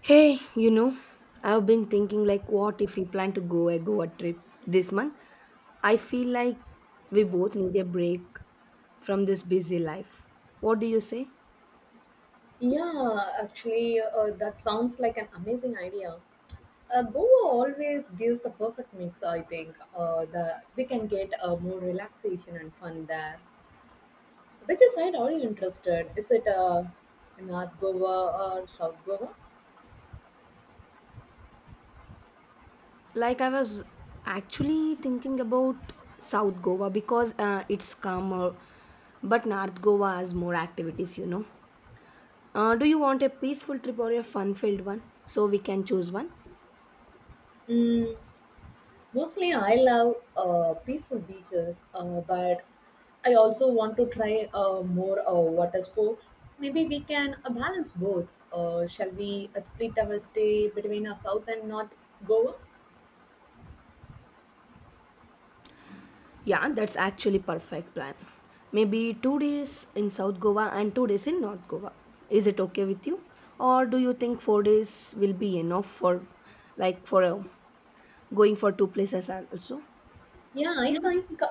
Hey, you know, I've been thinking like what if we plan to go a Goa trip this month? I feel like we both need a break from this busy life. What do you say? Yeah, actually, that sounds like an amazing idea. Goa always gives the perfect mix, I think. The We can get more relaxation and fun there. Which side are you interested? Is it North Goa or South Goa? Like I was actually thinking about South Goa because it's calmer, but North Goa has more activities, you know. Do you want a peaceful trip or a fun-filled one? So we can choose one. Mm, Mostly, I love peaceful beaches, but I also want to try more water sports. Maybe we can balance both. Shall we split our stay between South and North Goa? Yeah, that's actually perfect plan. Maybe 2 days in South Goa and 2 days in North Goa. Is it okay with you? Or do you think 4 days will be enough for like for going for two places also? Yeah, I Yeah. think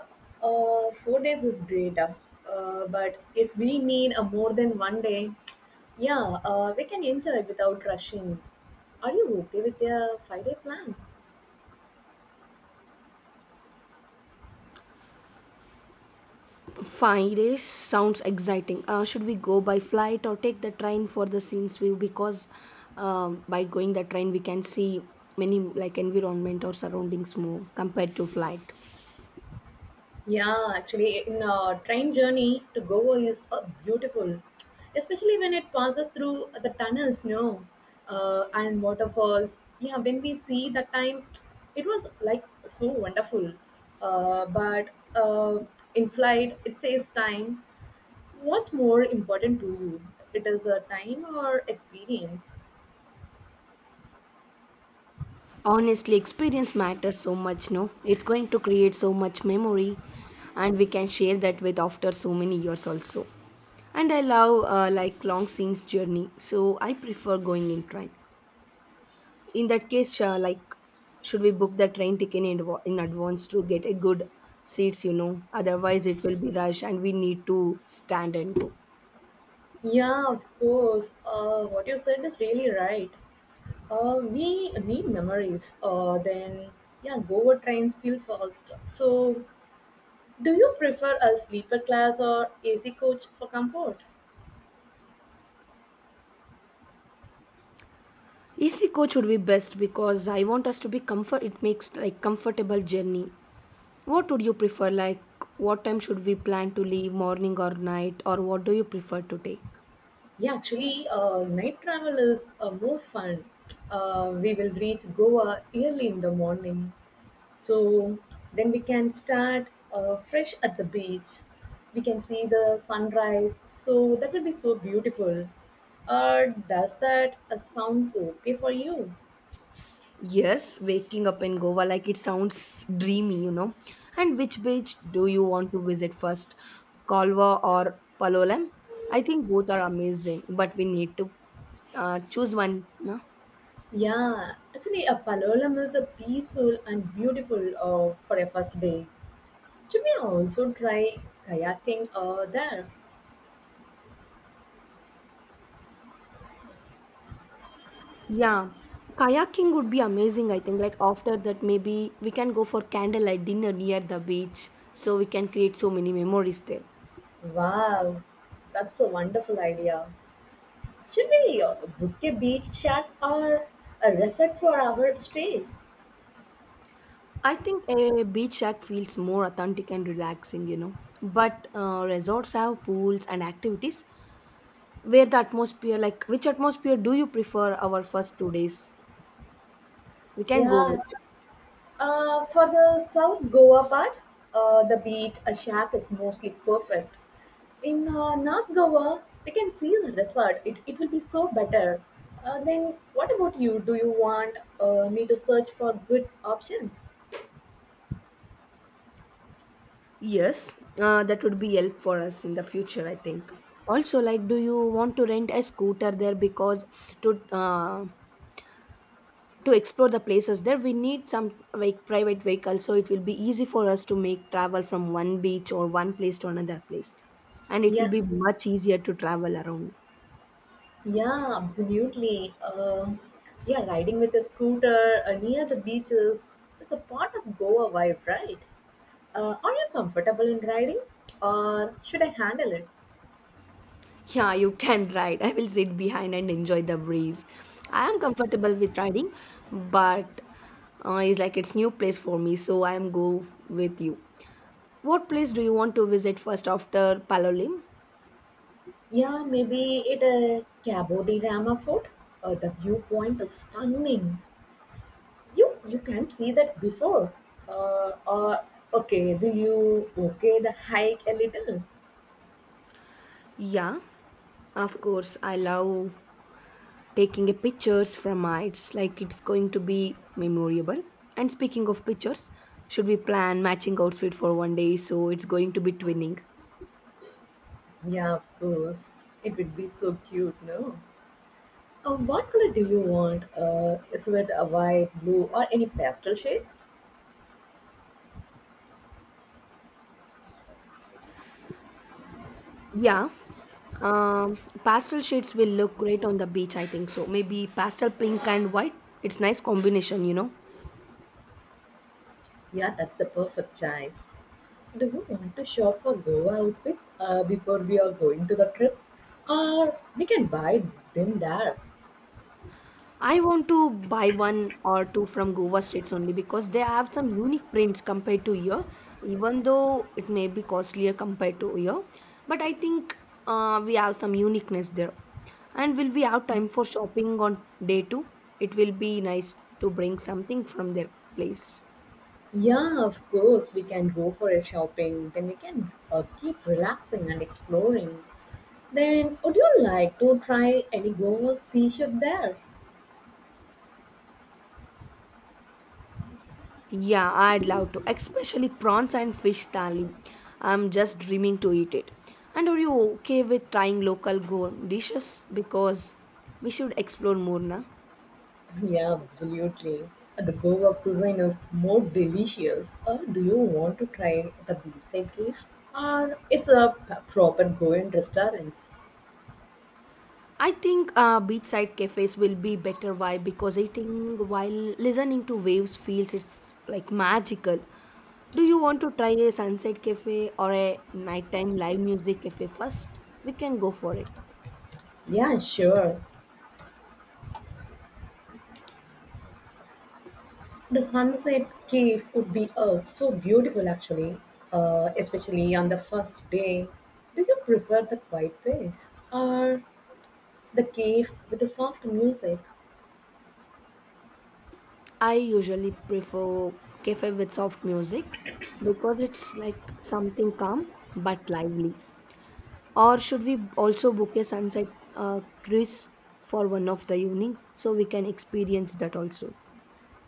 4 days is great. But if we need more than one day, yeah, we can enjoy without rushing. Are you okay with a 5 day plan? 5 days sounds exciting. Should we go by flight or take the train for the scenes view? Because by going the train, we can see many like environment or surroundings more compared to flight. Yeah, actually, in a train journey to Goa is beautiful, especially when it passes through the tunnels, no, and waterfalls. Yeah, when we see that time, it was like so wonderful. But In flight, it says time. What's more important to you? It is a time or experience? Honestly, experience matters so much, no? It's going to create so much memory, and we can share that with after so many years also. And I love like long scenes journey, so I prefer going in train. So, in that case, like, should we book the train ticket in, in advance to get a good seats? You know, otherwise it will be rush, and we need to stand and go. Yeah, of course. What you said is really right. We need memories then yeah, Goa trains feel fast. So do you prefer a sleeper class or AC coach for comfort? AC coach would be best because I want us to be comfort. It makes like comfortable journey. What would you prefer? Like, what time should we plan to leave, morning or night, or what do you prefer to take? Yeah, actually, night travel is more fun. We will reach Goa early in the morning, so then we can start fresh at the beach. We can see the sunrise, so that will be so beautiful. Does that sound okay for you? Yes, waking up in Goa, like it sounds dreamy, you know. And which beach do you want to visit first, Kalwa or Palolem? I think both are amazing, but we need to choose one, no? Yeah, actually, a Palolem is a peaceful and beautiful for a first day. Should we also try kayaking there? Yeah, kayaking would be amazing, I think. Like, after that, maybe we can go for candlelight dinner near the beach so we can create so many memories there. Wow, that's a wonderful idea. Should we book a beach chat or a resort for our stay? I think a beach shack feels more authentic and relaxing, you know. But resorts have pools and activities where the atmosphere, like which atmosphere do you prefer our first 2 days? We can go with. Yeah. For the South Goa part, the beach, a shack is mostly perfect. In North Goa, we can see the resort. It will be so better. Then, what about you? Do you want me to search for good options? Yes, that would be help for us in the future, I think. Also, like, do you want to rent a scooter there because to uh, to explore the places there we need some like private vehicle so it will be easy for us to make travel from one beach or one place to another place, and it will Yeah, be much easier to travel around. yeah, absolutely. Yeah, riding with a scooter near the beaches is a part of Goa vibe, right? Are you comfortable in riding, or should I handle it? Yeah, you can ride. I will sit behind and enjoy the breeze. I am comfortable with riding, but it's like it's new place for me, so I am go with you. What place do you want to visit first after Palolim? Yeah, maybe it a Cabo de Rama fort. The viewpoint is stunning. You can see that before. Uh, uh, okay, will you okay the hike a little? Yeah, of course, I love taking a pictures from heights, like it's going to be memorable. And speaking of pictures, should we plan matching outfit for one day so it's going to be twinning? Yeah, of course. It would be so cute, no? What color do you want? Is it a white, blue, or any pastel shades? Yeah, um, pastel shades will look great on the beach, I think, so maybe pastel pink and white. It's nice combination, you know. Yeah, that's a perfect choice. Do you want to shop for Goa outfits before we are going to the trip? Or we can buy them there. I want to buy one or two from Goa states only because they have some unique prints compared to here, even though it may be costlier compared to here. But I think we have some uniqueness there. And will we have time for shopping on day two? It will be nice to bring something from their place. Yeah, of course, we can go for a shopping. Then we can keep relaxing and exploring. Then, would you like to try any Goa seaship there? Yeah, I'd love to, especially prawns and fish thali. I'm just dreaming to eat it. And are you okay with trying local go dishes? Because we should explore more, na? Yeah, absolutely. The Goa cuisine is more delicious. Or do you want to try the beachside dish? Or it's a proper Goan restaurant? I think beachside cafes will be better. Why? Because eating while listening to waves feels it's like magical. Do you want to try a sunset cafe or a nighttime live music cafe first? We can go for it. Yeah, sure. The Sunset Cave would be so beautiful actually, especially on the first day. Do you prefer the quiet place or the cave with the soft music? I usually prefer cafe with soft music because it's like something calm but lively. Or should we also book a sunset cruise for one of the evening so we can experience that also?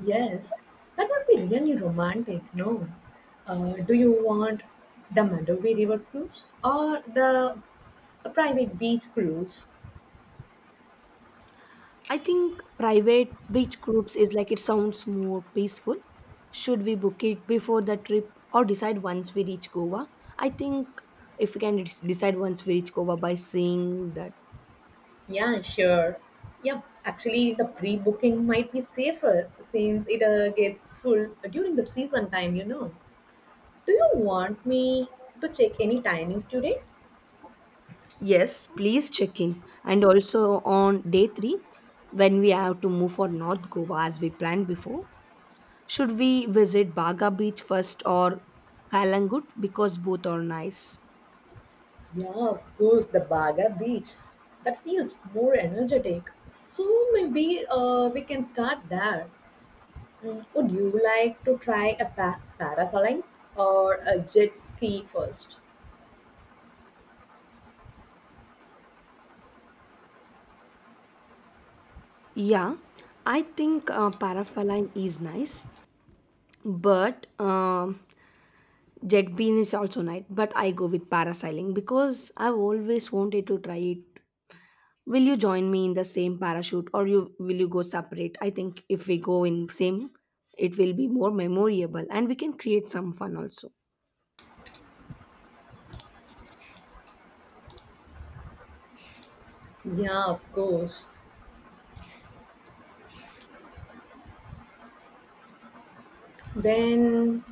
Yes, that would be really romantic, no? Do you want the Mandovi River cruise or the a private beach cruise? I think private beach groups is like it sounds more peaceful. Should we book it before the trip or decide once we reach Goa? I think if we can decide once we reach Goa by seeing that. Yeah, sure. Yep, actually, the pre booking might be safer since it gets full during the season time, you know. Do you want me to check any timings today? Yes, please check in. And also on day three, when we have to move for North Goa as we planned before, should we visit Baga Beach first or Kalangut because both are nice? Yeah, of course, the Baga Beach. That feels more energetic. So maybe we can start there. Mm, Would you like to try a parasailing or a jet ski first? Yeah, I think Parafaline is nice, but Jet Bean is also nice. But I go with parasailing because I've always wanted to try it. Will you join me in the same parachute or you go separate? I think if we go in same, it will be more memorable and we can create some fun also. Yeah, of course. Then,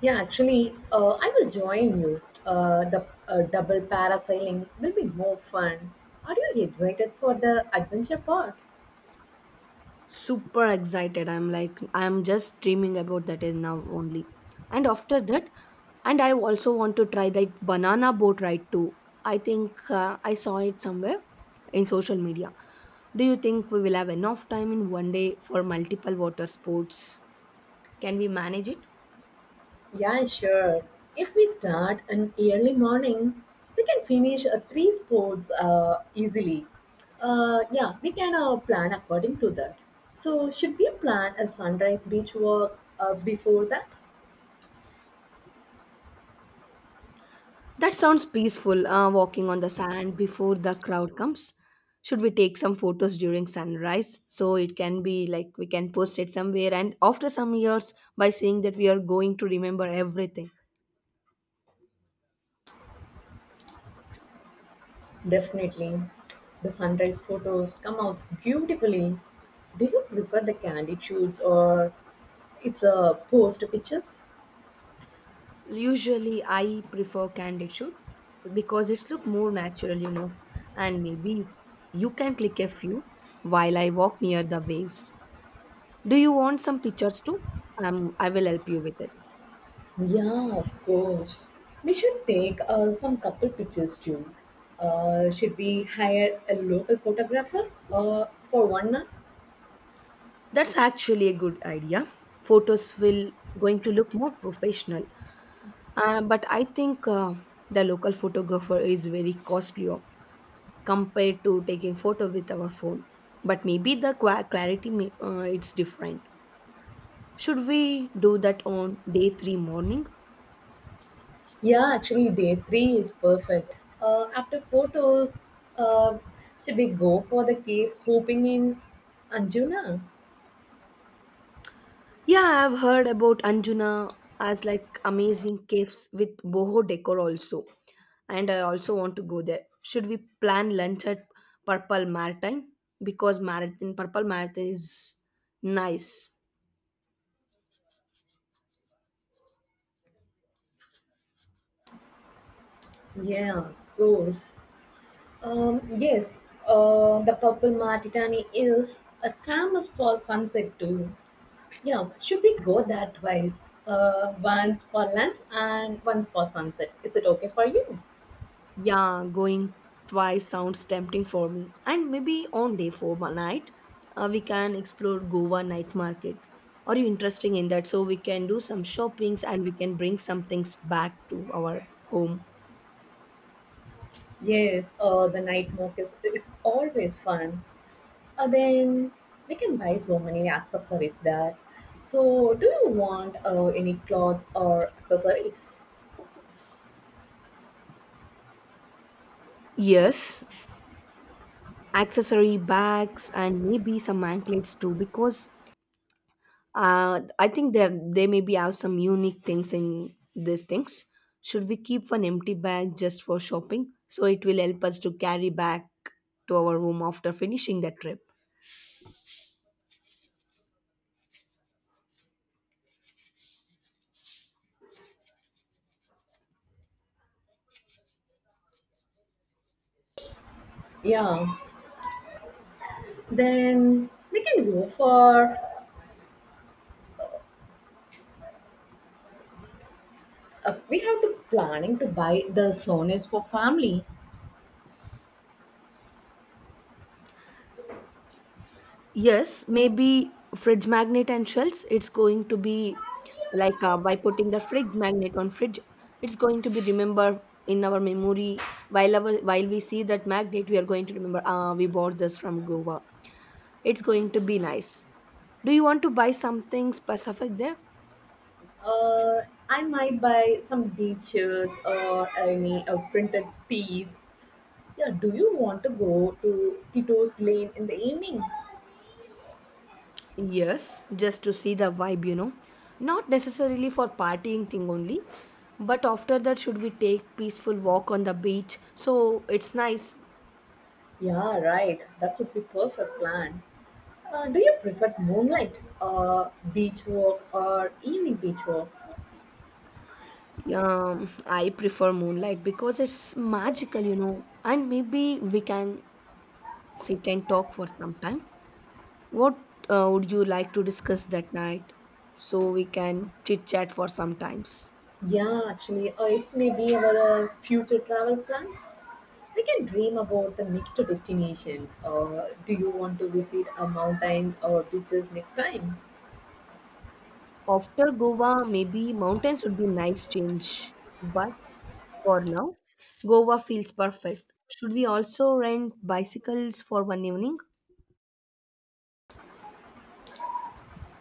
yeah, actually, I will join you. The Double parasailing will be more fun. Are you excited for the adventure part? Super excited. I'm just dreaming about that is now only. And after that, and I also want to try that banana boat ride too. I think I saw it somewhere in social media. Do you think we will have enough time in one day for multiple water sports? Can we manage it? Yeah, sure. If we start an early morning, we can finish three sports easily. Yeah, we can plan according to that. So, should we plan a sunrise beach walk before that? That sounds peaceful, walking on the sand before the crowd comes. Should we take some photos during sunrise? So it can be like we can post it somewhere, and after some years, by saying that we are going to remember everything. Definitely. The sunrise photos come out beautifully. Do you prefer the candid shoots or it's a post pictures? Usually, I prefer candid shoot because it's look more natural, you know. And maybe you can click a few while I walk near the waves. Do you want some pictures too? I will help you with it. Yeah, of course. We should take some couple pictures too. Should we hire a local photographer for one night? That's actually a good idea. Photos will going to look more professional. But I think the local photographer is very costly compared to taking photo with our phone. But maybe the qua clarity may, it's different. Should we do that on day 3 morning? Yeah, actually, day three is perfect. After photos, uh, should we go for the cave hooping in Anjuna? Yeah, I've heard about Anjuna as like amazing caves with boho decor also. And I also want to go there. Should we plan lunch at Purple Maritime? Because Marathon Purple Marathon is nice. Yeah, of course. Yes, the Purple Martitani is famous for sunset too. Yeah, should we go that wise? Once for lunch and once for sunset. Is it okay for you? Yeah, going twice sounds tempting for me. And maybe on day four night, we can explore Goa night market. Are you interested in that? So we can do some shoppings and we can bring some things back to our home. Yes, the night markets, it's always fun. Then we can buy so many accessories there. So, do you want any clothes or accessories? Yes, accessory bags and maybe some anklets too, because I think there they maybe have some unique things in these things. Should we keep an empty bag just for shopping so it will help us to carry back to our room after finishing the trip? Yeah, then we can go for. We have to planning to buy the sonas for family. Yes, maybe fridge magnet and shelves. It's going to be like, by putting the fridge magnet on fridge, it's going to be remember in our memory. While while we see that magnet we are going to remember, ah, we bought this from Goa. It's going to be nice. Do you want to buy something specific there? Uh, I might buy some beach shirts or any printed tees. Yeah, do you want to go to Tito's Lane in the evening? Yes, just to see the vibe, you know. Not necessarily for partying thing only, but after that should we take peaceful walk on the beach? So it's nice. Yeah, right. That would be perfect plan. Do you prefer moonlight, beach walk, or evening beach walk? I prefer moonlight because it's magical, you know. And maybe we can sit and talk for some time. What would you like to discuss that night? So we can chit chat for some times. Yeah, actually, it's maybe our future travel plans. We can dream about the next destination. Do you want to visit a mountain or beaches next time? After Goa, maybe mountains would be nice change. But for now, Goa feels perfect. Should we also rent bicycles for one evening?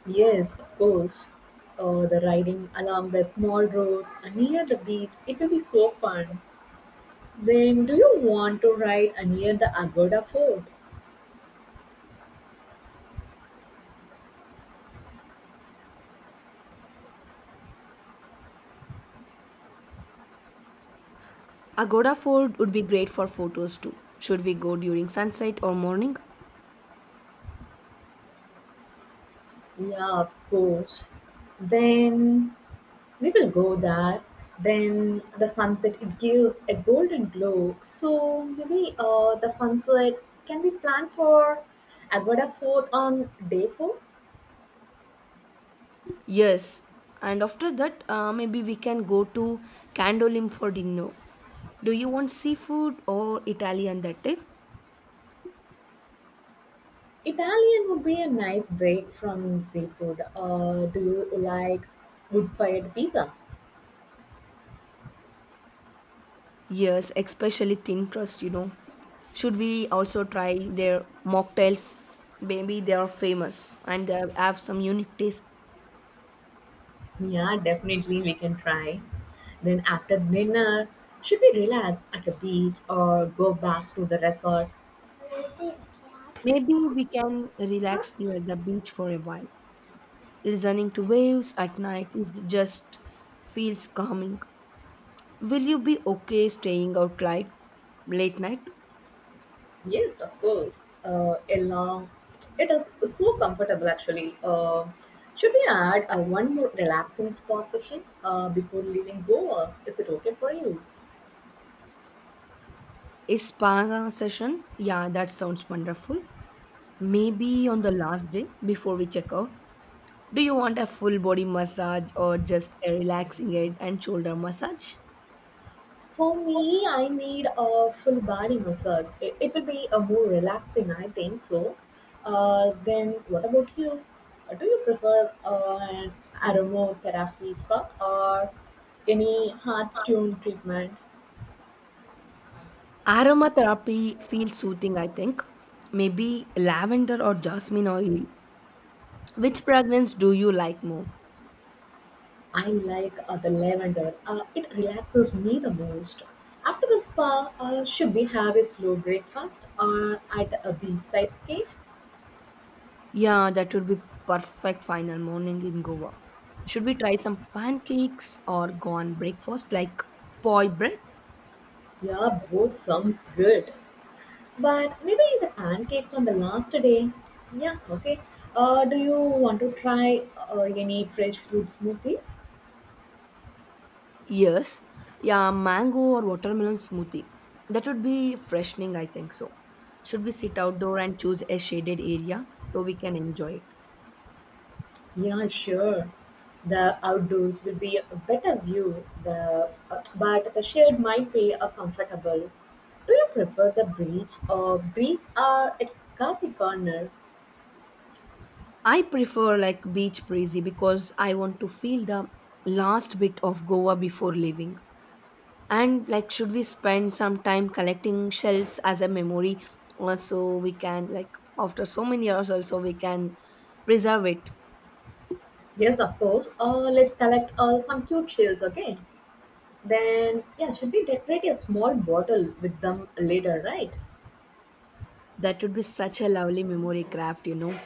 Yes, of course. The riding along the small roads and near the beach, it will be so fun. Then, do you want to ride near the Agoda Fort? Agoda Fort would be great for photos too. Should we go during sunset or morning? Yeah, of course. Then, we will go there. Then, the sunset, it gives a golden glow. So, maybe the sunset can be planned for Agoda Fort on day four? Yes. And after that, maybe we can go to Candolim for dinner. Do you want seafood or Italian that day? Italian would be a nice break from seafood. Do you like wood fired pizza? Yes, especially thin crust, you know. Should we also try their mocktails? Maybe they are famous and they have some unique taste. Yeah, definitely we can try. Then after dinner, should we relax at the beach or go back to the resort? Maybe we can relax near the beach for a while. Listening to waves at night is just feels calming. Will you be okay staying out late, late night? Yes, of course. A long, it is so comfortable actually. Should we add a one more relaxing spot session before leaving Goa? Is it okay for you? A spa session? Yeah, that sounds wonderful. Maybe on the last day before we check out. Do you want a full body massage or just a relaxing head and shoulder massage? For me, I need a full body massage. It will be a more relaxing, I think so. Then what about you? Do you prefer an aromatherapy spa or any heart stone treatment? Aromatherapy feels soothing, I think. Maybe lavender or jasmine oil. Which fragrance do you like more? I like the lavender. It relaxes me the most. After the spa, should we have a slow breakfast or at a beachside cave? Yeah, that would be perfect final morning in Goa. Should we try some pancakes or go on breakfast like poi bread? Yeah, both sounds good. But maybe the pancakes on the last day. Yeah, okay. Do you want to try any fresh fruit smoothies? Yes, yeah, mango or watermelon smoothie. That would be freshening, I think so. Should we sit outdoor and choose a shaded area so we can enjoy it? Yeah, sure. The outdoors will be a better view, but the shade might be comfortable. Do you prefer the beach or breeze or at Kasi Corner? I prefer like beach breezy because I want to feel the last bit of Goa before leaving. And like, should we spend some time collecting shells as a memory, so we can like after so many years also we can preserve it? Yes, of course. Let's collect some cute shells, okay? Then, yeah, should we decorate a small bottle with them later, right? That would be such a lovely memory craft, you know.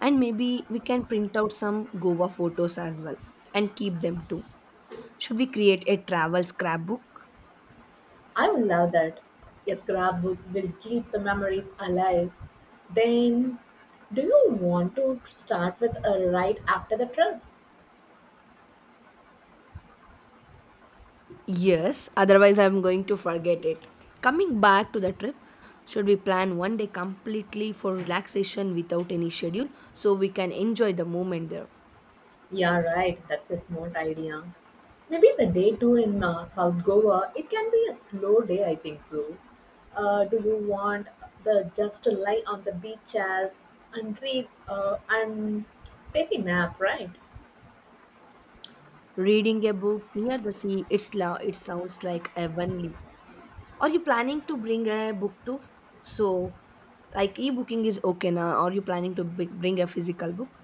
And maybe we can print out some Goa photos as well and keep them too. Should we create a travel scrapbook? I would love that. A scrapbook will keep the memories alive. Then, do you want to start with a right after the trip? Yes, otherwise, I'm going to forget it. Coming back to the trip, should we plan one day completely for relaxation without any schedule so we can enjoy the moment there? Yeah, right. That's a smart idea. Maybe the day two in South Goa. It can be a slow day, I think so. Do you want the just to lie on the beach chairs and read and take a nap, right? Reading a book near the sea, it sounds like heavenly. Are you planning to bring a book too? So, like e-booking is okay now. Are you planning to bring a physical book?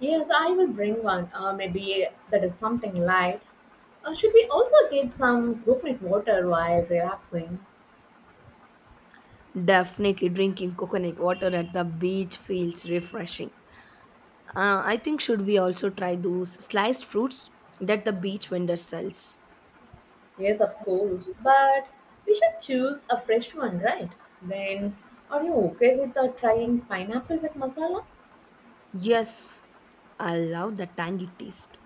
Yes, I will bring one. Maybe that is something light. Should we also get some coconut water while relaxing? Definitely drinking coconut water at the beach feels refreshing. I think should we also try those sliced fruits that the beach vendor sells? Yes, of course, but we should choose a fresh one, right? Then, are you okay with trying pineapple with masala? Yes, I love the tangy taste.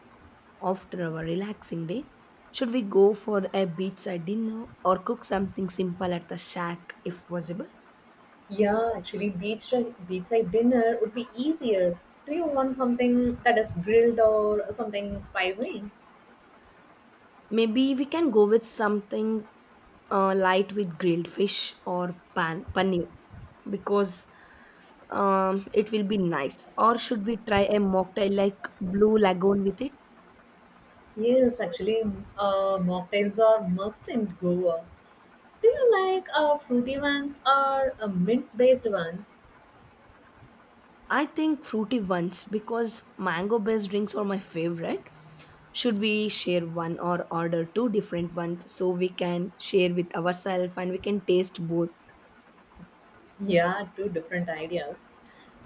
After our relaxing day, should we go for a beachside dinner or cook something simple at the shack if possible? Yeah, actually, beachside dinner would be easier. Do you want something that is grilled or something spicy? Maybe we can go with something light with grilled fish or pan paneer because it will be nice. Or should we try a mocktail like Blue Lagoon with it? Yes, actually, mocktails are must in Goa. Do you like fruity ones or mint-based ones? I think fruity ones because mango based drinks are my favorite. Should we share one or order two different ones so we can share with ourselves and we can taste both? Yeah, two different ideas.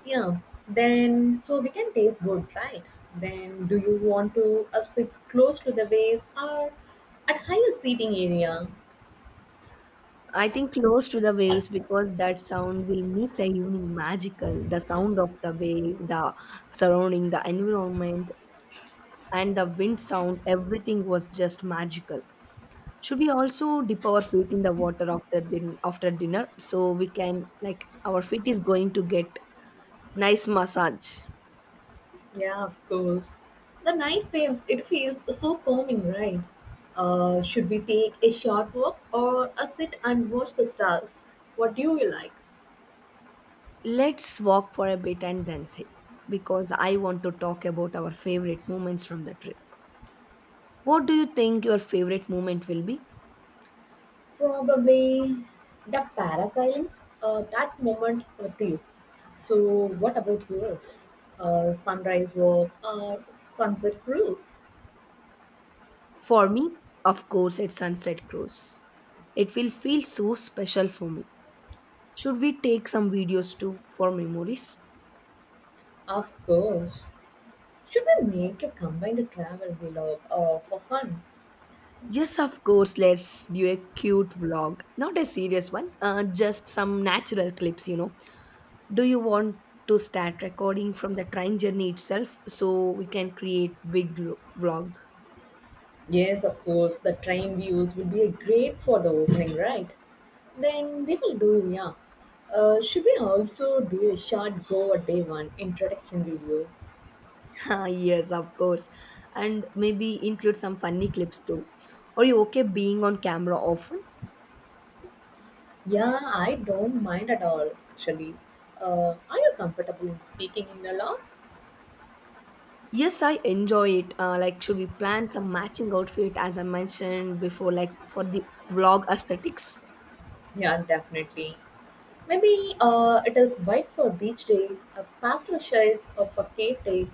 Yeah, then so we can taste good, right? Then do you want to sit close to the waves or at higher seating area? I think close to the waves because that sound will make the evening magical. The sound of the wave, the surrounding, the environment, and the wind sound, everything was just magical. Should we also dip our feet in the water after dinner so we can like our feet is going to get nice massage. Yeah, of course. The night feels it feels so calming, right? Should we take a short walk or a sit and watch the stars? What do you like? Let's walk for a bit and then say because I want to talk about our favorite moments from the trip. What do you think your favorite moment will be? Probably the parasailing, that moment with you. So what about yours? Sunrise walk or sunset cruise? For me, of course, it's Sunset Cruise. It will feel so special for me. Should we take some videos too for memories? Of course. Should we make a combined travel vlog for fun? Yes, of course, let's do a cute vlog. Not a serious one, just some natural clips. Do you want to start recording from the train journey itself so we can create vlog? Yes, of course. The train views will be great for the opening, right? Then we will do, yeah. Should we also do a short Goa day one introduction video? Ah, yes, of course. And maybe include some funny clips too. Are you okay being on camera often? Yeah, I don't mind at all, actually. Are you comfortable in speaking in the law? Yes, I enjoy it. Like, should we plan some matching outfit as I mentioned before, like for the vlog aesthetics? Yeah, definitely. Maybe it is white for beach day, a pastel shades of a cake day.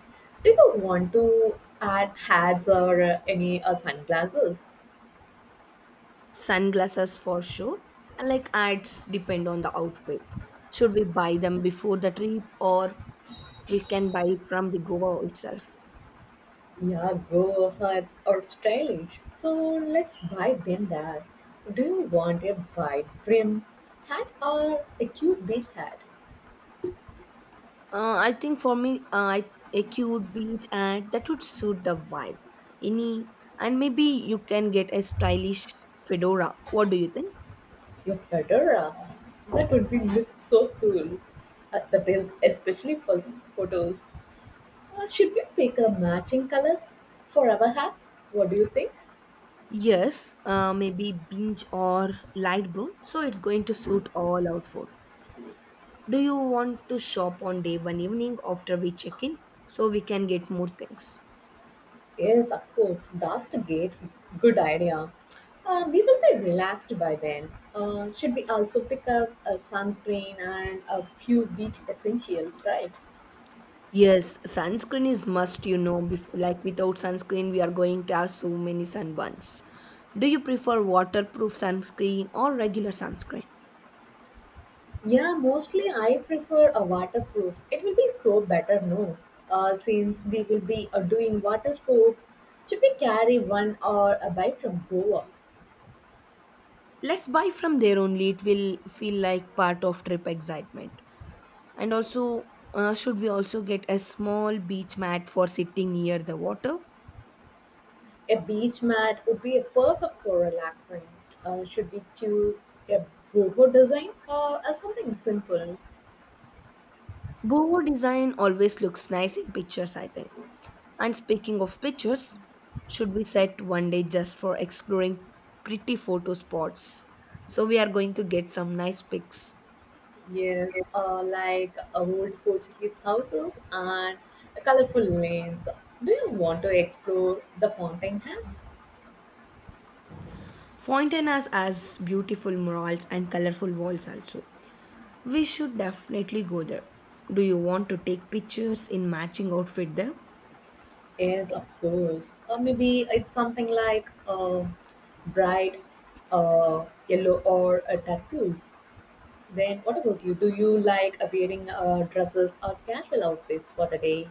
Do you want to add hats or any sunglasses? Sunglasses for sure. And like ads depend on the outfit. Should we buy them before the trip or we can buy from the Goa itself? Yeah, grow hats are stylish. So let's buy them there. Do you want a wide brim hat or a cute beach hat? I think for me, a cute beach ad that would suit the vibe. Any and maybe you can get a stylish fedora. What do you think? Your fedora. That would be look so cool. That is especially for photos. Should we pick a matching colors for our hats? What do you think? Yes, maybe binge or light brown. So it's going to suit all outfit. Do you want to shop on day one evening after we check in so we can get more things? Yes, of course. That's a good idea. We will be relaxed by then. Should we also pick up a sunscreen and a few beach essentials, right? Yes, sunscreen is must, you know, like without sunscreen we are going to have so many sunburns. Do you prefer waterproof sunscreen or regular sunscreen? Yeah, mostly I prefer a waterproof. It will be so better, no? Since we will be doing water sports, should we carry one or a bike from Goa? Let's buy from there only. It will feel like part of trip excitement. And also, should we also get a small beach mat for sitting near the water? A beach mat would be perfect for relaxing. Should we choose a boho design or something simple? Boho design always looks nice in pictures, I think. And speaking of pictures, should we set one day just for exploring pretty photo spots? So we are going to get some nice pics. Yes, like old Portuguese houses and colorful lanes. Do you want to explore the fountain house? Fountain has beautiful murals and colorful walls also. We should definitely go there. Do you want to take pictures in matching outfit there? Yes, of course. Or maybe it's something like bright yellow or tattoos. Then what about you? Do you like wearing dresses or casual outfits for the day?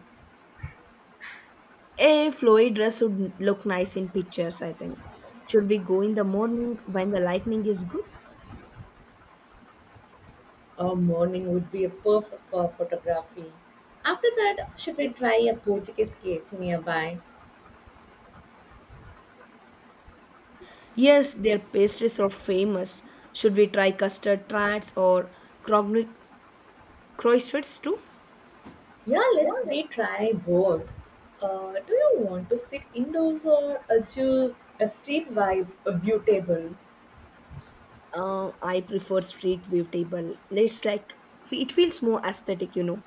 A flowy dress would look nice in pictures, I think. Should we go in the morning when the lightning is good? A morning would be a perfect for photography. After that, should we try a Portuguese cafe nearby? Yes, their pastries are famous. Should we try custard tarts or crogni- croissants too? Yeah, let's Yeah. we try both. Do you want to sit indoors or choose a street vibe a view table? I prefer street view table. It's like it feels more aesthetic, you know.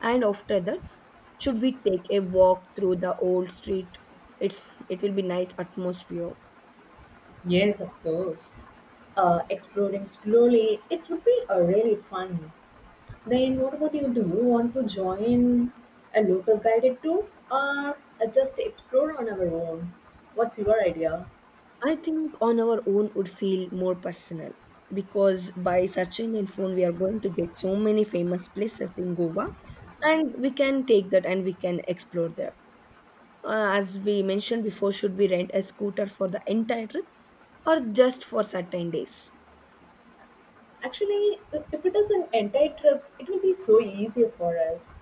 And after that, should we take a walk through the old street? It will be nice atmosphere. Yes, of course. Exploring slowly, it would be really fun. Then, what about you? Do you want to join a local guided tour or just explore on our own? What's your idea? I think on our own would feel more personal because by searching in phone we are going to get so many famous places in Goa and we can take that and we can explore there. As we mentioned before, should we rent a scooter for the entire trip or just for certain days? Actually, if it is an entire trip, it will be so easier for us.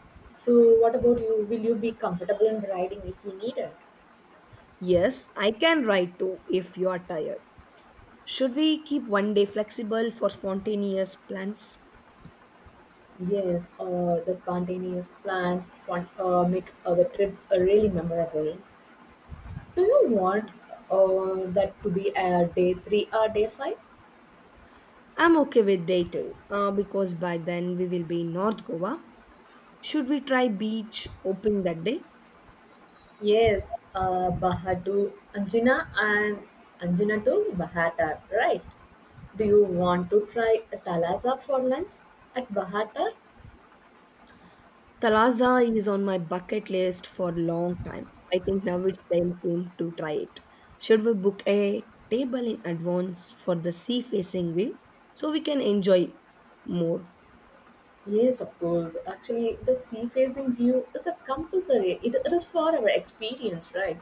So, what about you? Will you be comfortable in riding if you need it? Yes, I can ride too if you are tired. Should we keep one day flexible for spontaneous plans? Yes, the spontaneous plans want, make our trips really memorable. Do you want that to be a day three or day five? I'm okay with day three because by then we will be in North Goa. Should we try beach opening that day? Yes, Baha to Anjuna and Anjuna to Bahatar, right? Do you want to try a Talasa for lunch at Bahatar? Talaza is on my bucket list for a long time. I think now it's time came to try it. Should we book a table in advance for the sea facing view so we can enjoy more? Yes, of course. Actually, the sea facing view is a compulsory, it is for our experience, right?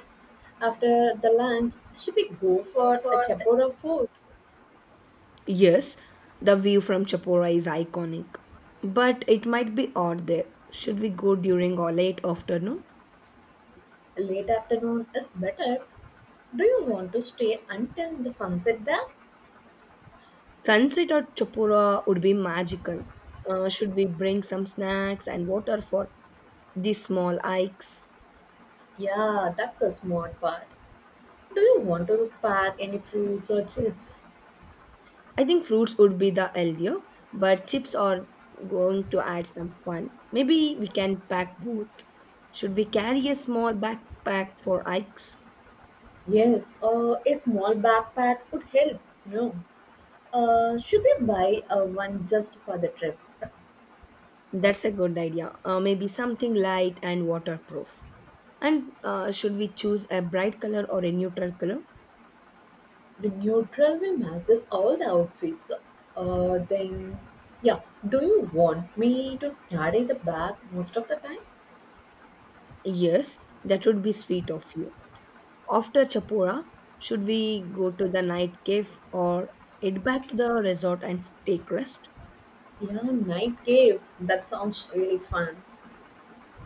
After the lunch, should we go for a chapora fort? Yes, the view from Chapora is iconic, but it might be odd there. Should we go during or late afternoon? Late afternoon is better. Do you want to stay until the sunset there? Sunset at Chapora would be magical. Should we bring some snacks and water for the small hikes. Yeah, that's a smart part. Do you want to pack any fruits or chips? I think fruits would be the healthier, but chips are going to add some fun. Maybe we can pack both. Should we carry a small backpack for hikes? Yes, a small backpack would help. No. Should we buy one just for the trip? That's a good idea. Maybe something light and waterproof. And should we choose a bright color or a neutral color? The neutral way matches all the outfits. Then, yeah. Do you want me to carry the bag most of the time? Yes, that would be sweet of you. After Chapora, should we go to the night cave or head back to the resort and take rest? Yeah, night cave. That sounds really fun.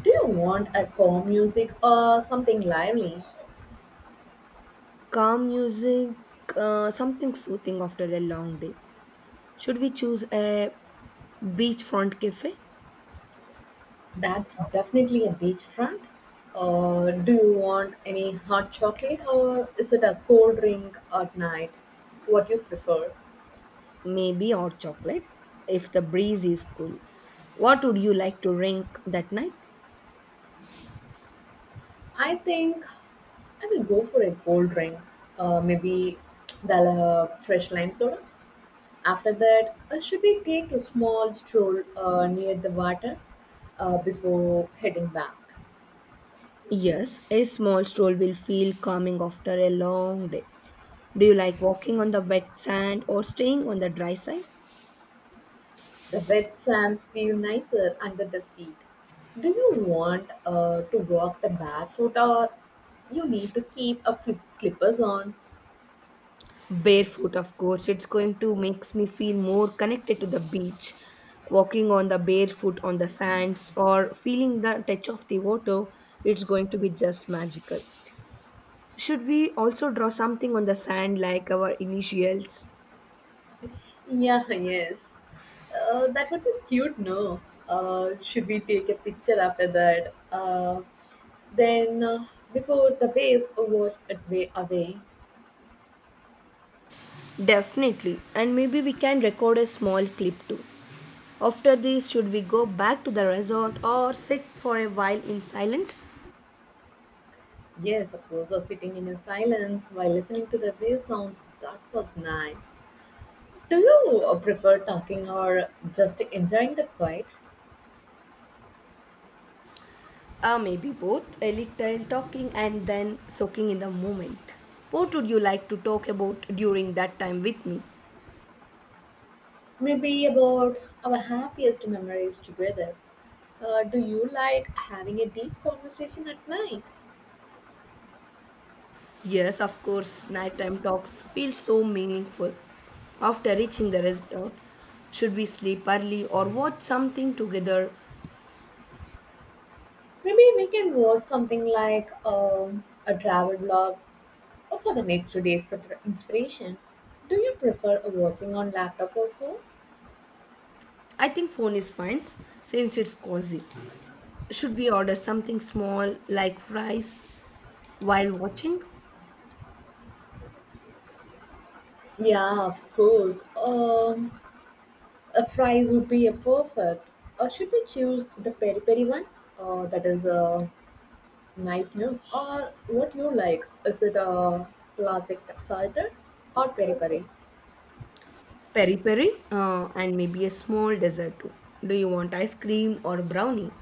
Do you want a calm music or something lively? Calm music, something soothing after a long day. Should we choose a beachfront cafe? That's definitely a beachfront. Do you want any hot chocolate or is it a cold drink at night? What you prefer? Maybe hot chocolate if the breeze is cool. What would you like to drink that night? I think I will go for a cold drink, maybe the fresh lime soda. After that, should we take a small stroll near the water before heading back? Yes, a small stroll will feel calming after a long day. Do you like walking on the wet sand or staying on the dry side? The wet sands feel nicer under the feet. Do you want to walk the barefoot or you need to keep a flip slippers on? Barefoot, of course. It's going to makes me feel more connected to the beach. Walking on the barefoot on the sands or feeling the touch of the water, it's going to be just magical. Should we also draw something on the sand like our initials? Yeah, yes. That would be cute, no? Should we take a picture after that? Then, uh, Before the waves washed it way away, Definitely. And maybe we can record a small clip too. After this, should we go back to the resort or sit for a while in silence? yes, of course, or sitting in a silence while listening to the wave sounds, that was nice. Do you prefer talking or just enjoying the quiet? Maybe both, a little talking and then soaking in the moment. What would you like to talk about during that time with me? Maybe about our happiest memories together. Do you like having a deep conversation at night? Yes, of course, nighttime talks feel so meaningful. After reaching the resort, should we sleep early or watch something together? Maybe we can watch something like a travel vlog for the next 2 days for inspiration. Do you prefer watching on laptop or phone? I think phone is fine since it's cozy. Should we order something small like fries while watching? Yeah, of course. A fries would be a perfect. Or should we choose the peri peri one? That is a nice new. Or what you like? Is it a classic salted or peri peri? Peri peri and maybe a small dessert too. Do you want ice cream or brownie?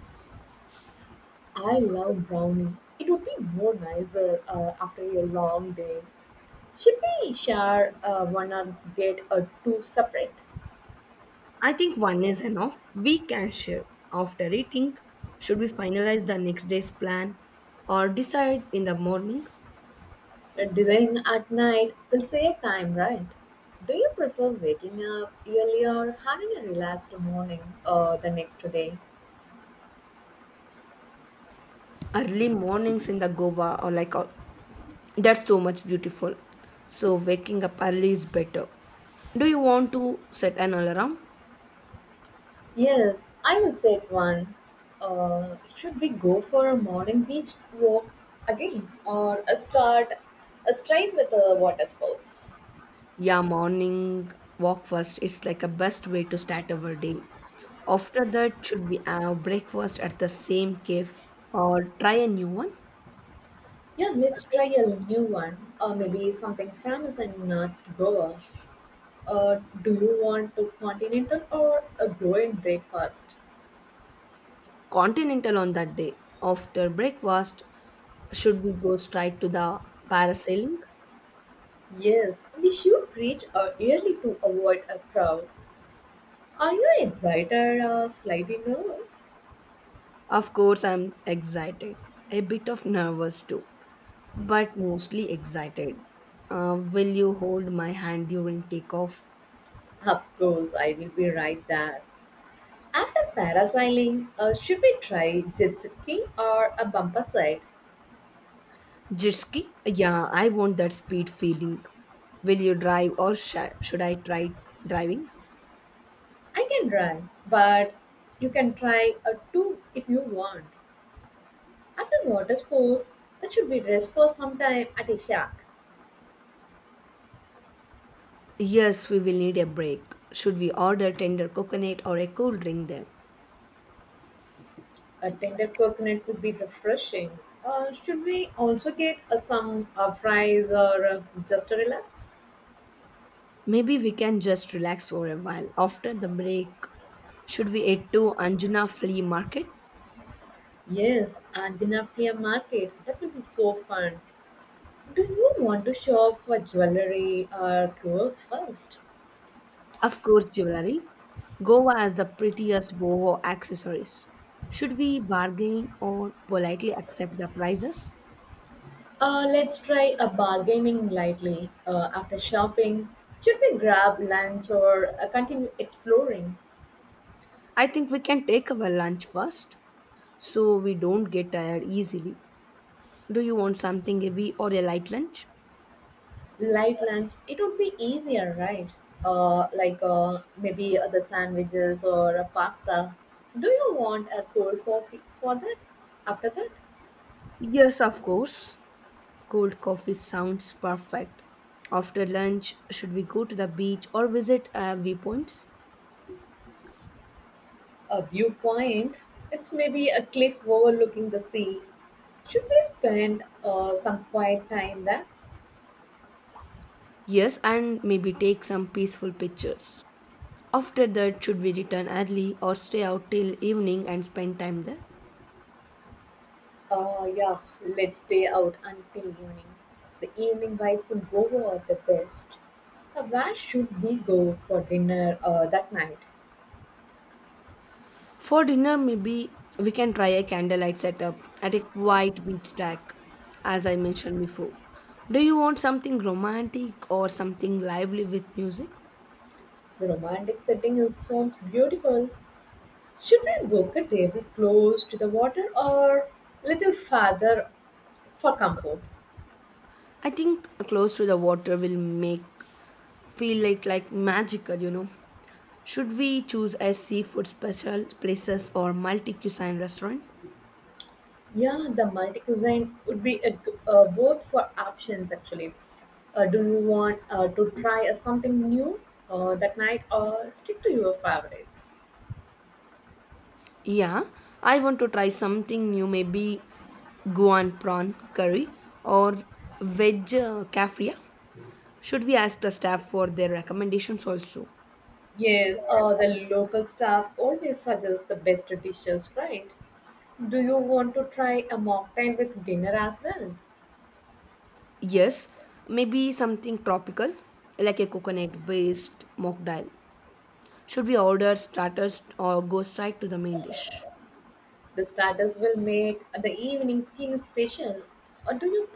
I love brownie. It would be more nicer after a long day. Should we share one or get a two separate? I think one is enough. We can share after eating. Should we finalize the next day's plan or decide in the morning? And Design at night will save time, right? Do you prefer waking up early or having a relaxed morning the next day? Early mornings in the Goa or like or that's so much beautiful. So waking up early is better. Do you want to set an alarm? Yes, I will say it one. Should we go for a morning beach walk again or a start a straight with the water sports? Yeah, morning walk first. It's like a best way to start our day. After that, should we have breakfast at the same cave or try a new one? Yeah, let's try a new one or maybe something famous in Goa. Do you want to continental or a glowing breakfast? Continental on that day. After breakfast, should we go straight to the parasailing? Yes, we should reach out early to avoid a crowd. Are you excited or slightly nervous? Of course, I'm excited, a bit of nervous too, but mostly excited. Will you hold my hand during takeoff? Of course, I will be right there. After parasailing, should we try jet skiing or a bumper side? Jet ski? Yeah, I want that speed feeling. Will you drive or should I try driving? I can try, but you can try a two if you want. After water sports, that should be rest for some time at a shack. Yes, we will need a break. Should we order tender coconut or a cool drink there? A tender coconut would be refreshing. Should we also get some fries or just to relax? Maybe we can just relax for a while after the break. Should we head to Anjuna Flea Market? Yes, Anjanapriya market. That will be so fun. Do you want to shop for jewelry or clothes first? Of course, jewelry. Goa has the prettiest boho accessories. Should we bargain or politely accept the prices? Let's try a bargaining lightly. After shopping, should we grab lunch or continue exploring? I think we can take our lunch first so we don't get tired easily. Do you want something heavy or a light lunch? Light lunch, it would be easier, right? Like maybe the sandwiches or a pasta. Do you want a cold coffee for that? After that? Yes, of course. Cold coffee sounds perfect. After lunch, should we go to the beach or visit viewpoints? A viewpoint. It's maybe a cliff overlooking the sea. Should we spend some quiet time there? Yes, and maybe take some peaceful pictures. After that, should we return early or stay out till evening and spend time there? Yeah, let's stay out until evening. The evening vibes in Goa are the best. Where should we go for dinner that night? For dinner, maybe we can try a candlelight setup at a quiet beach track, as I mentioned before. Do you want something romantic or something lively with music? The romantic setting is, sounds beautiful. Should we book a table close to the water or little farther for comfort? I think close to the water will make feel it like magical, you know. Should we choose a seafood special places or multi cuisine restaurant? Yeah, the multi-cuisine would be a, g- Both for options actually. Do you want to try something new that night or stick to your favorites? Yeah, I want to try something new, maybe Guan prawn curry or veg kafria. Should we ask the staff for their recommendations also? Yes, the local staff always suggests the best dishes, right? Do you want to try a mocktail with dinner as well? Yes, maybe something tropical, like a coconut based mock dal. Should we order starters or go straight to the main dish? The starters will make the evening feel special. Or do you